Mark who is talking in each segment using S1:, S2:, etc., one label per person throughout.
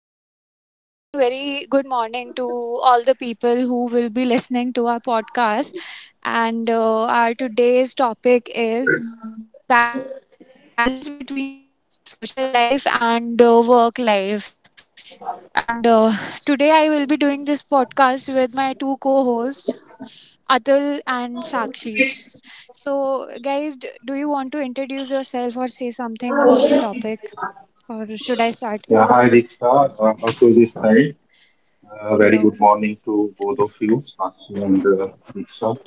S1: uh, hello everyone. Very good morning to all the people who will be listening to our podcast. And our today's topic is balance between social life and work life. And today I will be doing this podcast with my two co-hosts, Atul and Sakshi. So, guys, do you want to introduce yourself or say something about the topic, or should I start?
S2: Yeah, hi Riksha. Also this night,
S1: Hello.
S2: very good morning to both of you, Sakshi and Riksha.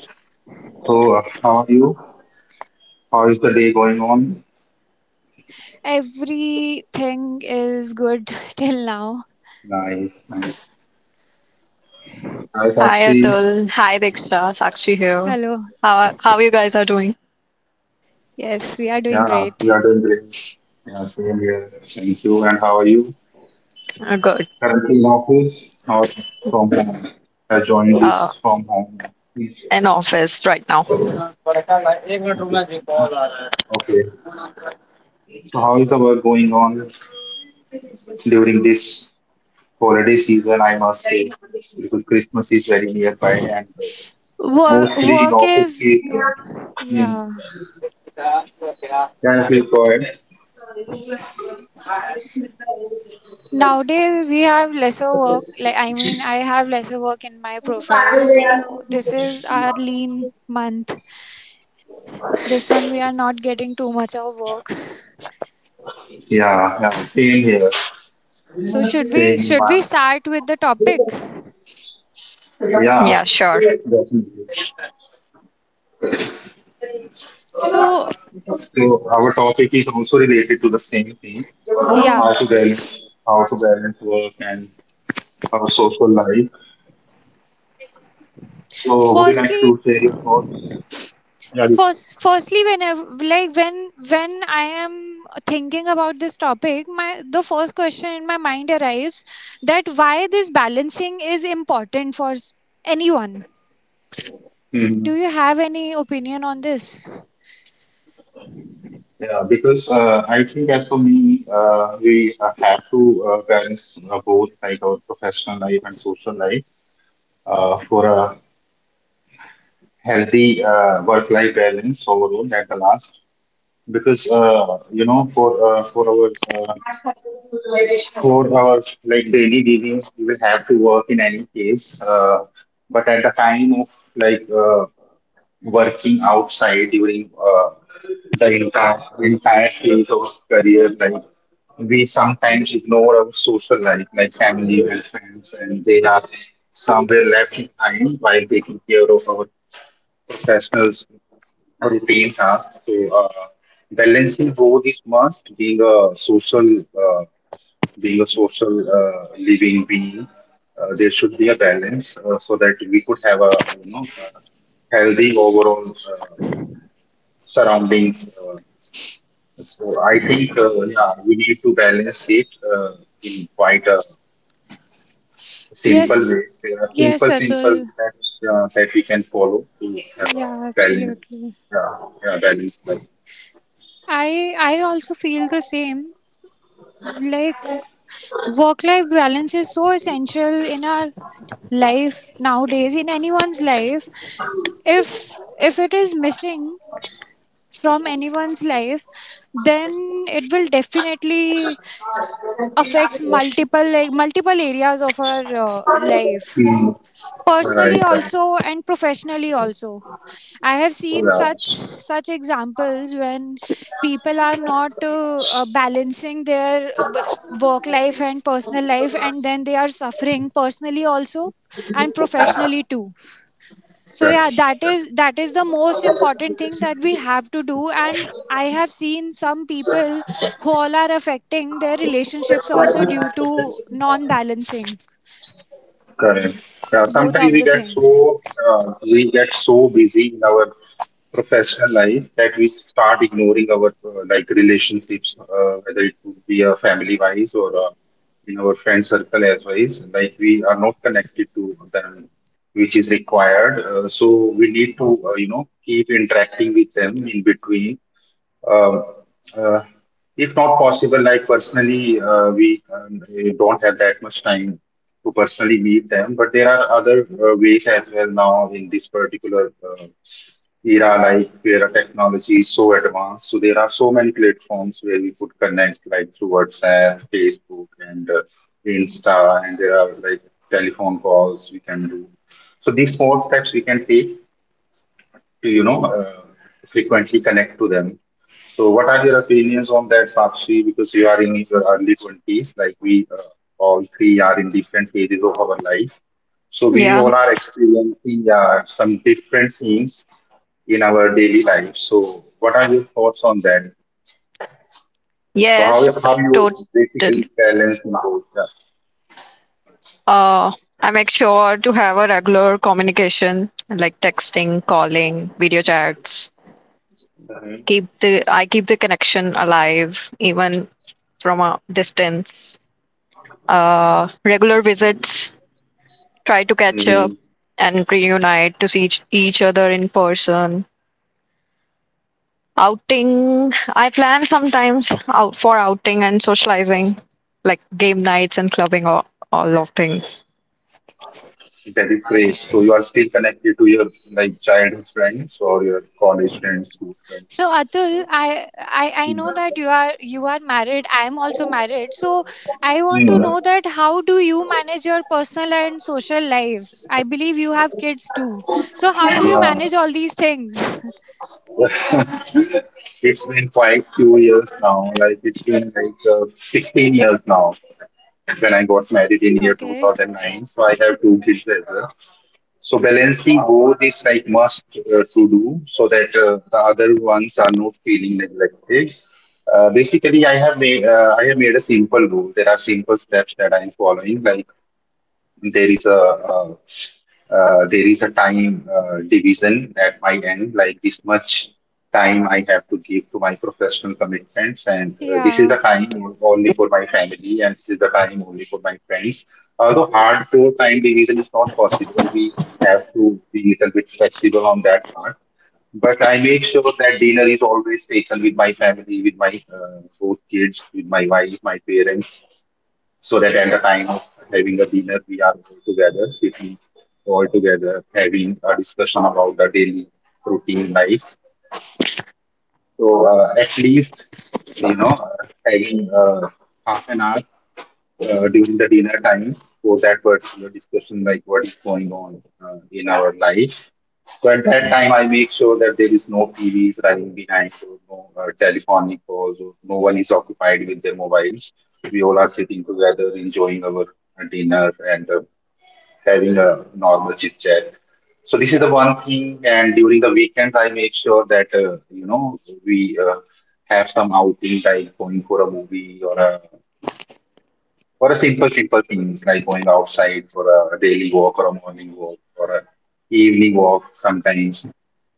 S2: So, how are you? How is the day going on?
S1: Everything is good till now.
S2: Nice, nice. Hi
S3: Hi
S2: Sakshi.
S3: Atul. Hi Diksha. Sakshi
S1: Hello.
S3: here. How you guys are doing?
S1: Yes, we are
S2: Yeah,
S1: doing great.
S2: we are doing great. Yeah, same here. Thank you. And how are you?
S3: Good.
S2: Currently in office or from home? I joined
S3: Uh,
S2: this from home. Okay.
S3: in office right now.
S2: Okay. So, how is the work going on during this holiday season, I must say, because Christmas is very nearby and
S1: Work,
S2: mostly in
S1: work
S2: office
S1: is
S2: is, hmm.
S1: yeah.
S2: Can I please go ahead?
S1: Nowadays we have lesser work. I have lesser work in my profile. So this is our lean month. This month we are not getting too much of work.
S2: Yeah, yeah, same here.
S1: So should we
S2: Same
S1: should
S2: one.
S1: we start with the topic?
S3: Yeah,
S2: Yeah,
S3: sure.
S2: definitely.
S1: So
S2: So our topic is also related to the same thing,
S1: yeah.
S2: how to balance, how to balance work and our social life. So would you like
S1: Firstly,
S2: to share your thoughts? Yeah,
S1: Firstly, whenever when I am thinking about this topic, my the first question in my mind arrives that why this balancing is important for anyone.
S2: yeah.
S1: Do you have any opinion on this?
S2: Yeah, because I think as for me, we have to balance both, like our professional life and social life for a healthy work-life balance overall at the last. Because uh, for our like daily living we will have to work in any case, but at the time of like working outside during the entire phase of career, like we sometimes ignore our social life, like family and friends, and they are somewhere left behind while taking care of our professionals routine tasks. So uh, balancing both is must. Being a social uh, being a social living being, there should be a balance so that we could have a, you know, healthy overall surroundings. So I think, yeah, we need to balance it in quite a simple
S1: Yes,
S2: way. There are
S1: yes,
S2: simple
S1: Atul.
S2: steps that we can follow to have a
S1: Yeah,
S2: balance.
S1: absolutely.
S2: Yeah, yeah, balance life.
S1: I also feel the same like work life balance is so essential in our life nowadays in anyone's life if it is missing from anyone's life then it will definitely affects multiple areas of our life
S2: Mm,
S1: personally
S2: right, right.
S1: also and professionally also. I have seen
S2: Yeah,
S1: such examples when people are not balancing their work life and personal life and then they are suffering personally also and professionally too. So yeah,
S2: correct.
S1: that is the most important thing that we have to do, and I have seen some people who all are affecting their relationships also due to non balancing
S2: Correct. Yeah,
S1: both
S2: sometimes
S1: of the things.
S2: we get so busy in our professional life that we start ignoring our like relationships, whether it would be a family wise or in our friend circle as wise. Like we are not connected to them, which is required. So we need to, keep interacting with them in between. um, uh, if not possible, like personally, we don't have that much time to personally meet them, but there are other ways as well now in this particular era, like where technology is so advanced. So there are so many platforms where we could connect, like through WhatsApp, Facebook, and Insta, and there are like telephone calls we can do. So these small steps we can take, you know, uh, frequently connect to them. So, what are your opinions on that, Sakshi? Because you are in your early 20s, like we all three are in different phases of our life. So, we
S3: Yeah.
S2: all are experiencing some different things in our daily life. So, what are your thoughts on that? So,
S3: Yes,
S2: how you basically
S3: totally.
S2: balance in both? Yeah.
S3: Uh, I make sure to have a regular communication like texting, calling, video chats.
S2: Mm-hmm.
S3: Keep the I keep the connection alive even from a distance. Regular visits, try to catch up
S2: Mm-hmm.
S3: and reunite to see each other in person. Outing, I plan sometimes out for outing and socializing, like game nights and clubbing, all of things.
S2: That is great. So you are still connected to your like childhood friends or your college friends, school friends.
S1: So Atul, I
S2: Mm.
S1: know that you are married. I am also married. So I want to
S2: Mm.
S1: know that how do you manage your personal and social life? I believe you have kids too. So how do you
S2: Yeah.
S1: manage all these things?
S2: It's been quite few years now. Like it's been like 16 years now when I got married in year
S1: Okay.
S2: 2009. So I have two kids as well. So balancing both is like must to do so that the other ones are not feeling neglected. Basically, I have made a simple rule. There are simple steps that I'm following. Like there is a uh, there is a time division at my end, like this much time I have to give to my professional commitments, and this is
S1: Yeah.
S2: the time only for my family, and this is the time only for my friends. Although hardcore time division is not possible, we have to be a little bit flexible on that part, but I make sure that dinner is always taken with my family, with my four kids, with my wife, my parents, so that at the time of having a dinner, we are all together, sitting all together, having a discussion about the daily routine life. So at least, having half an hour during the dinner time for that particular discussion, like what is going on in our life. So at that time, I make sure that there is no TVs running behind, or no telephonic calls, or no one is occupied with their mobiles. We all are sitting together, enjoying our dinner and having a normal chit chat. So this is the one thing. And during the weekends, I make sure that, we have some outing, like going for a movie or a for a simple things, like going outside for a daily walk or a morning walk or a evening walk sometimes.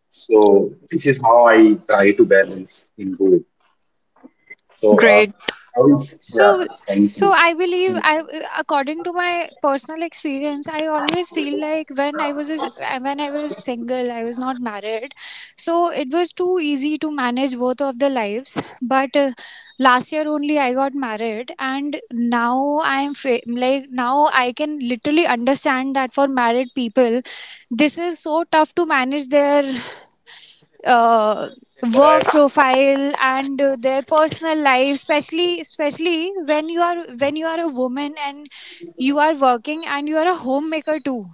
S2: So this is how I try to balance into it. So
S3: Great
S2: how, yeah,
S1: so
S2: thank
S1: so
S2: you.
S1: i believe I according to my personal experience I always feel like when I was single I was not married, so it was too easy to manage both of the lives, but last year only I got married and now like now I can literally understand that for married people this is so tough to manage their uh, work profile and their personal life, especially when you are a woman and you are working and you are a homemaker too.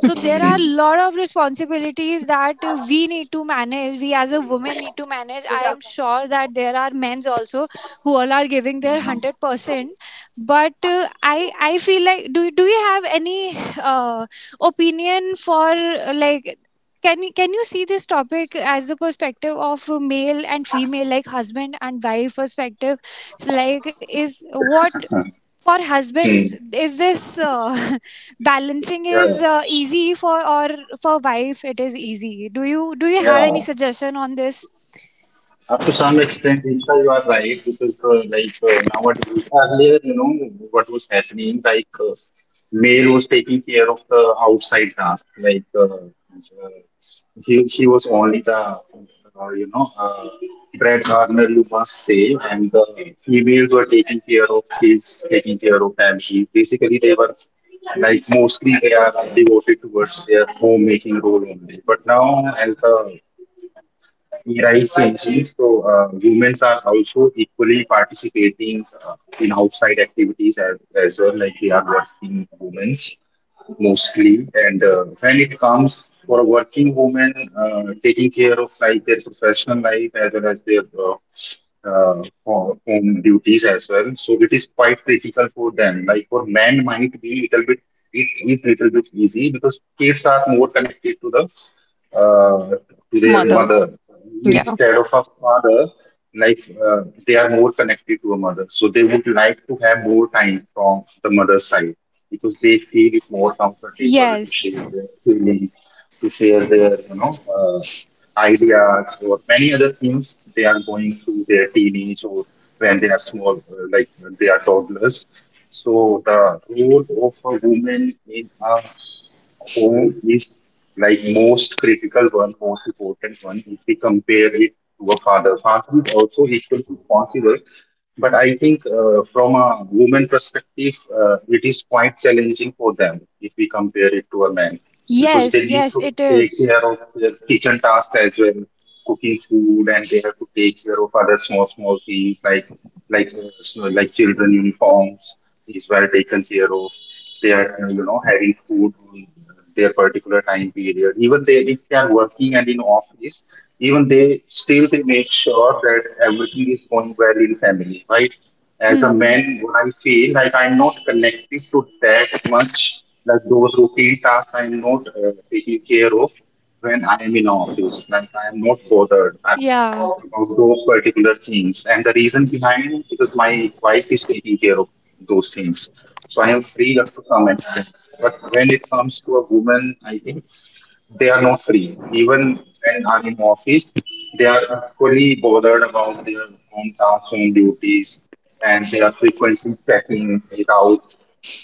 S1: So there are
S2: Hmm.
S1: a lot of responsibilities that we need to manage, we as a woman need to manage. I am sure that there are men's also who all are giving their 100%, but I feel like do you have any uh, opinion for like can you see this topic as the perspective of a male and female, like husband and wife perspective? So, like is what
S2: Hmm.
S1: for husbands
S2: Hmm.
S1: is this balancing
S2: Yeah,
S1: is easy, for or for wife it is easy? Do you have
S2: yeah.
S1: any suggestion on this?
S2: Up to some extent, Isha, you are right because, nowadays, earlier, you know, what was happening, male was taking care of the outside task, he was only the, breadwinner, you must say, and the females were taking care of kids, taking care of family. Basically, they were like mostly they are devoted towards their homemaking role only. But now, as the Right, Chinchi. So, women are also equally participating in outside activities as well, like they are working women mostly. And when it comes for a working woman, taking care of like their professional life as well as their home duties as well. So it is quite critical for them. Like for men, might be little bit, it is little bit easy because kids are more connected to the uh, to their
S3: mother,
S2: mother
S3: yeah.
S2: instead of a father, like they are more connected to a mother, so they would like to have more time from the mother's side because they feel it's more comfortable to share
S1: Yes.
S2: their feeling, to share their, uh, ideas or many other things they are going through their teenage, or when they are small, like when they are toddlers. So the role of a woman in a home is like most critical one, most important one. If we compare it to a father, father is also equally responsible. But I think, from a woman perspective, it is quite challenging for them if we compare it to a man, because they
S1: Yes,
S2: need
S1: yes
S2: to
S1: it
S2: take
S1: is.
S2: care of their kitchen task as well, cooking food, and they have to take care of other small things, like like children uniforms is well taken care of, they are, having food on their particular time period. Even they if they are working and in office, even they still they make sure that everything is going well in family, right? As a
S1: Hmm.
S2: man, what I feel, like I'm not connected to that much, like those routine tasks I'm not taking care of when I am in office. Like I am not bothered
S1: Yeah.
S2: about those particular things. And the reason behind because my wife is taking care of those things. So I am free up to some extent. But when it comes to a woman, I think they are not free. Even when are in office, they are fully bothered about their own tasks, home duties, and they are frequently checking it out,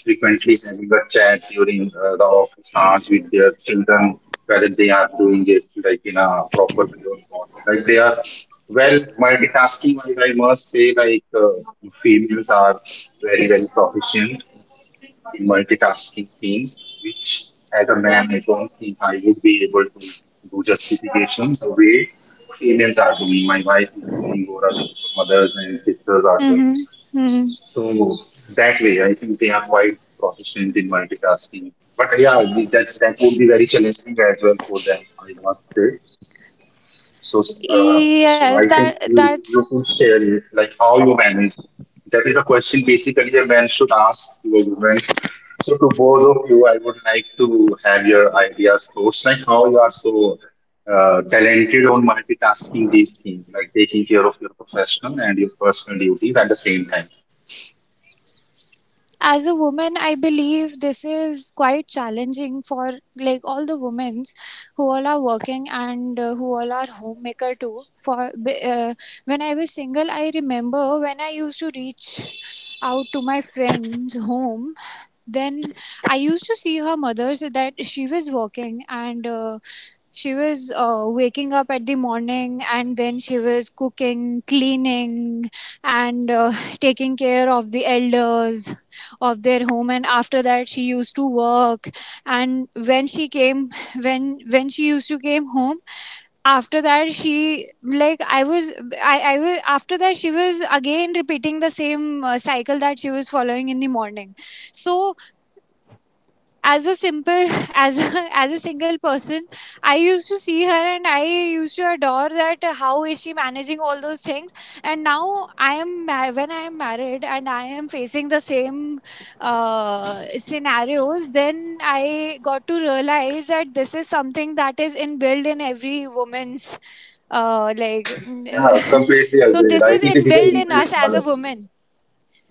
S2: frequently having a chat during the office hours with their children, whether they are doing it like in a proper way or not. Like they are well multitasking. I must say, females are very proficient in multitasking things, which as a man, I don't think I would be able to do justifications the way females are doing. My wife is doing, or other mothers and sisters are doing.
S1: Mhm. Mhm.
S2: So that way, I think they are quite proficient in multitasking. But yeah, that would be very challenging as well for them, I must say. So, I
S1: Yes,
S2: think
S1: that
S2: you
S1: that's.
S2: could share it, like how you manage. That is a question basically a man should ask to a woman. So, to both of you, I would like to have your ideas first, like how you are so talented on multitasking these things, like taking care of your professional and your personal duties at the same time.
S1: As a woman I believe this is quite challenging for like all the women who all are working and who all are homemaker too when I was single, I remember when I used to reach out to my friends home, then I used to see her mother, so that she was working and she was waking up at the morning and then she was cooking, cleaning, and taking care of the elders of their home. And after that, she used to work. And when she used to came home, after that she like I was after that she was again repeating the same cycle that she was following in the morning. So as a simple as a single person, I used to see her and I used to adore that how is she managing all those things. And now when I am married and I am facing the same scenarios, then I got to realize that this is something that is inbuilt in every woman's like
S2: Yeah, completely
S1: so
S2: agreed.
S1: this
S2: I
S1: is
S2: think it is an
S1: inbuilt in us
S2: inbuilt
S1: as a
S2: quality.
S1: woman.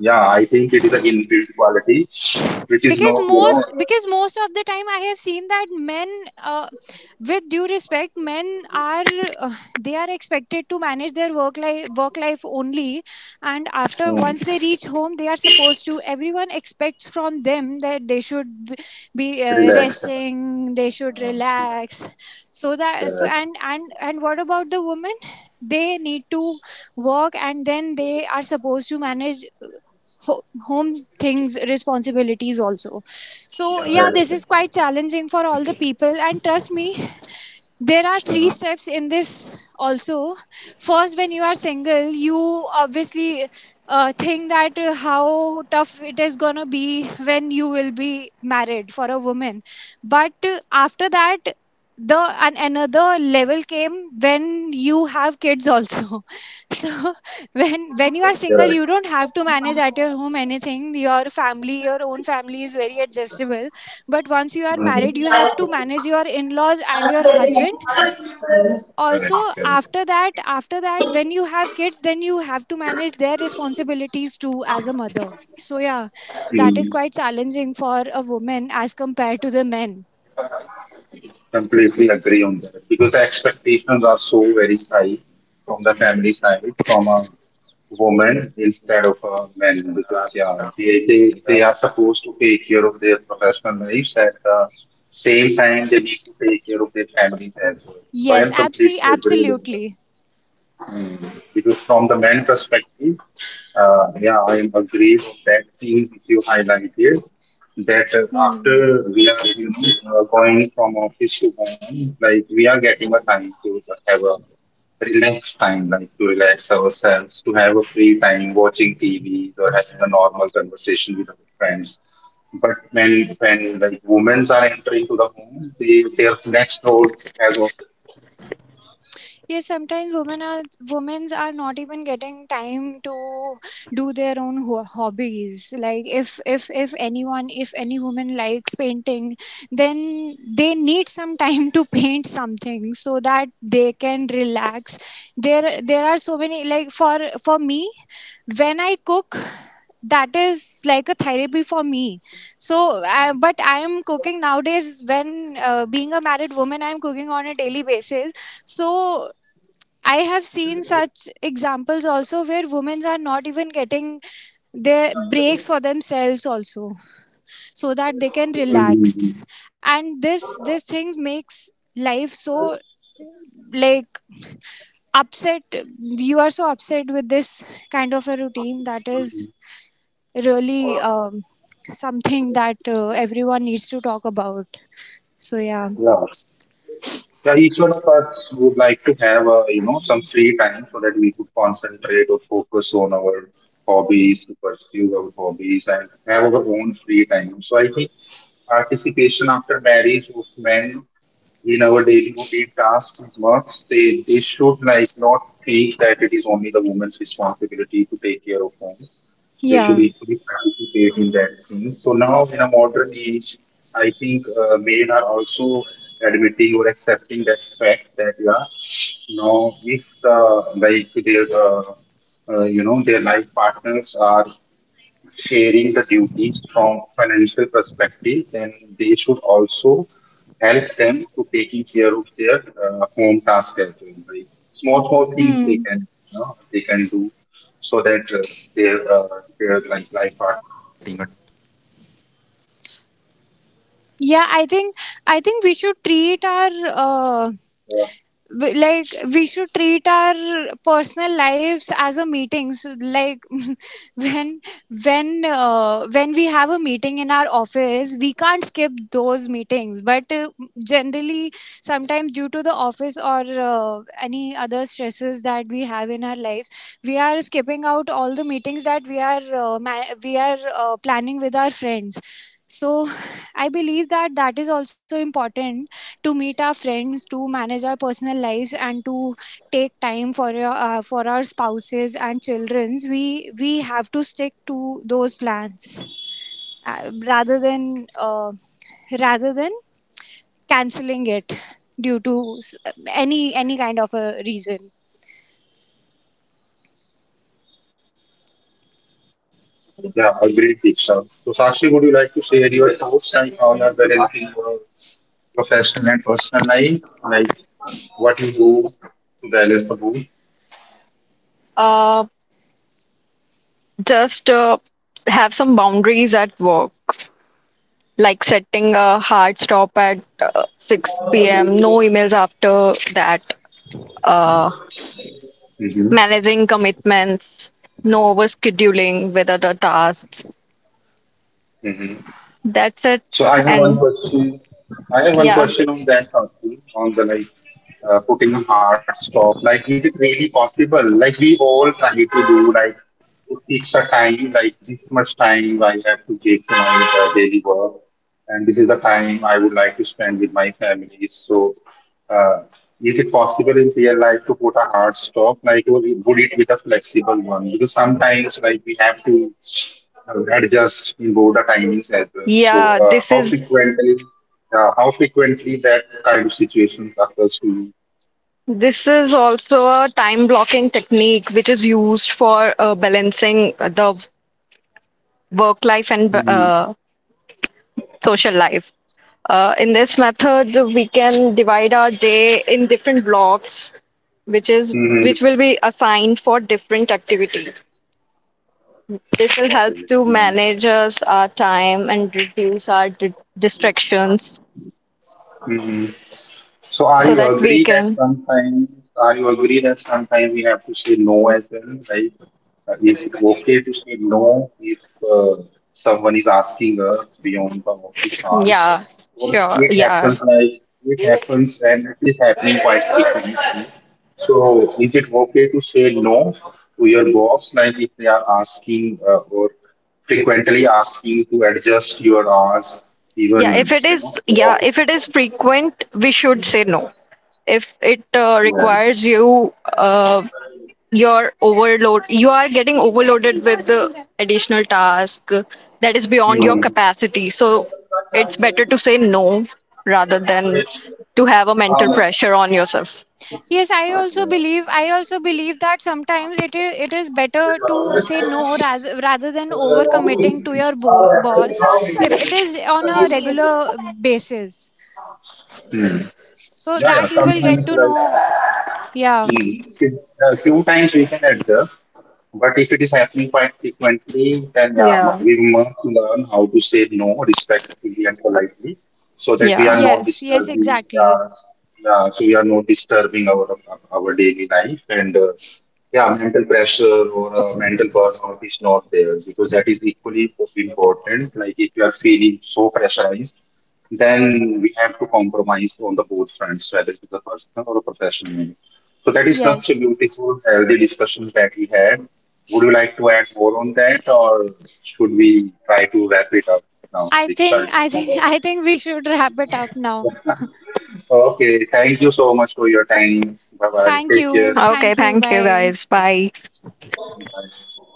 S2: Yeah, I think it is an inbuilt quality, which is
S1: because
S2: not, you know,
S1: most because most of the time I have seen that men uh, with due respect, men are uh, they are expected to manage their work life only, and after
S2: hmm,
S1: once they reach home, they are supposed to, everyone expects from them that they should be
S2: relaxed.
S1: resting, they should relax. so that so
S2: Correct.
S1: and and and what about the women? They need to work and then they are supposed to manage home things, responsibilities also. So
S2: Yeah,
S1: yeah,
S2: right.
S1: this is quite challenging for all the people, and trust me, there are three
S2: Mm,
S1: steps in this also. First, when you are single, you obviously think that how tough it is gonna be when you will be married for a woman. But after that, the and another level came when you have kids also so when you are single,
S2: correct.
S1: you don't have to manage at your home anything, your family, your own family is very adjustable. But once you are married,
S2: Mm,
S1: you have to manage your in-laws and your husband
S2: correct.
S1: also. after
S2: Correct.
S1: that after that when you have kids, then you have to manage their responsibilities too as a mother. So yeah, that is
S2: See,
S1: quite challenging for a woman as compared to the men.
S2: completely agree on that because the expectations are so very high from the family side, from a woman instead of a man because yeah, they are supposed to take care of their professional lives. At the same time they need to take care of their families as well. So I
S1: Yes,
S2: am completely agreed on that.
S1: absolutely.
S2: Mm, because from the man perspective, yeah, I am agree with that thing which you highlighted. That after
S1: 嗯，
S2: we are going from office to home, like we are getting a time to have a relaxed time, like to relax ourselves, to have a free time watching TV or having a normal conversation with our friends. But when like women are entering to the home, they, their next role.
S1: Yes, sometimes women are not even getting time to do their own hobbies. Like if any woman likes painting, then they need some time to paint something so that they can relax. There are so many, like for me, when I cook, that is like a therapy for me. So I, but I am cooking nowadays. When being a married woman, I am cooking on a daily basis. So I have seen such examples also where women are not even getting their breaks for themselves also so that they can
S2: Mm.
S1: relax. And this thing makes life so like upset. You are so upset with this kind of a routine that is really something that everyone needs to talk about. So yeah.
S2: Yeah. Yeah, each one of us would like to have a some free time so that we could concentrate or focus on our hobbies, to pursue our hobbies, and have our own free time. So I think participation after marriage of men in our daily routine tasks must they should like not think that it is only the woman's responsibility to take care of home. They should
S1: Yeah.
S2: equally participate in that thing. So now in a modern age, I think men are also admitting or accepting that fact that yeah, now if the like their their life partners are sharing the duties from financial perspective and they should also help them to taking care of their home task as well, like small small things they
S1: Hmm.
S2: can they can do so that their like
S1: Yeah, I think I think we should treat our like we should treat our personal lives as a meeting so, like when when we have a meeting in our office, we can't skip those meetings. But generally sometimes due to the office or any other stresses that we have in our lives, we are skipping out all the meetings that we are ma- we are planning with our friends. So I believe that that is also important to meet our friends, to manage our personal lives, and to take time for our spouses and childrens. We have to stick to those plans uh, rather than uh, rather than canceling it due to any kind of a reason.
S2: yeah, agreed, Deeksha. So, Sakshi, would you like to share your thoughts and how you are balancing your professional and personal life? Like, what you do to balance the both?
S3: Uh, just have some boundaries at work, like setting a hard stop at 6 p.m., no emails after that, uh, managing commitments, no overscheduling with other tasks.
S2: Mm-hmm.
S3: That's it.
S2: So I have
S3: And
S2: one question. I have one
S3: yeah,
S2: question on that, Sakshi, on the like putting a hard stop. Like, is it really possible? Like, we all try to do like it a time, like this much time I have to give to my daily work, and this is the time I would like to spend with my family. So, uh, is it possible in real life to put a hard stop? Like, would it be a flexible one? Because sometimes, like, we have to adjust both the timings as well. So
S3: yeah, this is
S2: how frequently that kind of situations occurs to
S3: this is also a time blocking technique which is used for balancing the work life and
S2: you?
S3: social life. In this method, we can divide our day in different blocks, which is
S2: Mm-hmm.
S3: which will be assigned for different activities. This will help to manage us our time and reduce our di distractions
S2: Mm-hmm. So
S3: so that we can.
S2: are you agree that sometimes we have to say no as well? Like, is it okay to say no if uh, someone is asking us beyond the office hours?
S3: Yeah,
S2: Or
S3: sure. Yeah.
S2: it happens and it is happening quite frequently. So is it okay to say no to your boss, like if they are asking or frequently asking to adjust your hours,
S3: Yeah, if
S2: even
S3: it
S2: you know
S3: is,
S2: your
S3: yeah,
S2: office
S3: if it is frequent, we should say no. If it
S2: hours?
S3: requires you, your overload, you are getting overloaded with the additional task that is beyond your
S2: Yeah.
S3: capacity. So it's better to say no rather than to have a mental pressure on yourself.
S1: Yes, I also believe. I also believe that sometimes it is better to say no rather than overcommitting to your boss if it is on a regular basis.
S2: Hm.
S1: So
S2: Ja, ja,
S1: that you
S2: kann
S1: will
S2: sein.
S1: get to know. Yeah.
S2: Mm. A few times we can adjust, but if it is happening quite frequently, then yeah,
S3: Yeah.
S2: we must learn how to say no respectfully and politely, so that we
S3: Yeah.
S2: are not
S1: Yes. Yes.
S2: disturbing.
S1: Exactly.
S2: Yeah, so we are not disturbing our daily life, and yeah, mental pressure or mental burnout is not there because that is equally important. Like if you are feeling so pressurized then we have to compromise on the both fronts, whether it is a personal or a professional. So that is such a
S1: Yes.
S2: beautiful, healthy discussion that we had. Would you like to add more on that, or should we try to wrap it up now,
S1: I think.
S2: Dikshan?
S1: I think. I think we should wrap it up now.
S2: Okay, thank you so much for your time. Bye bye.
S1: Thank
S2: Take care.
S1: you.
S3: Okay,
S1: Thank you.
S3: thank you
S1: Bye.
S3: guys. Bye.
S2: Bye.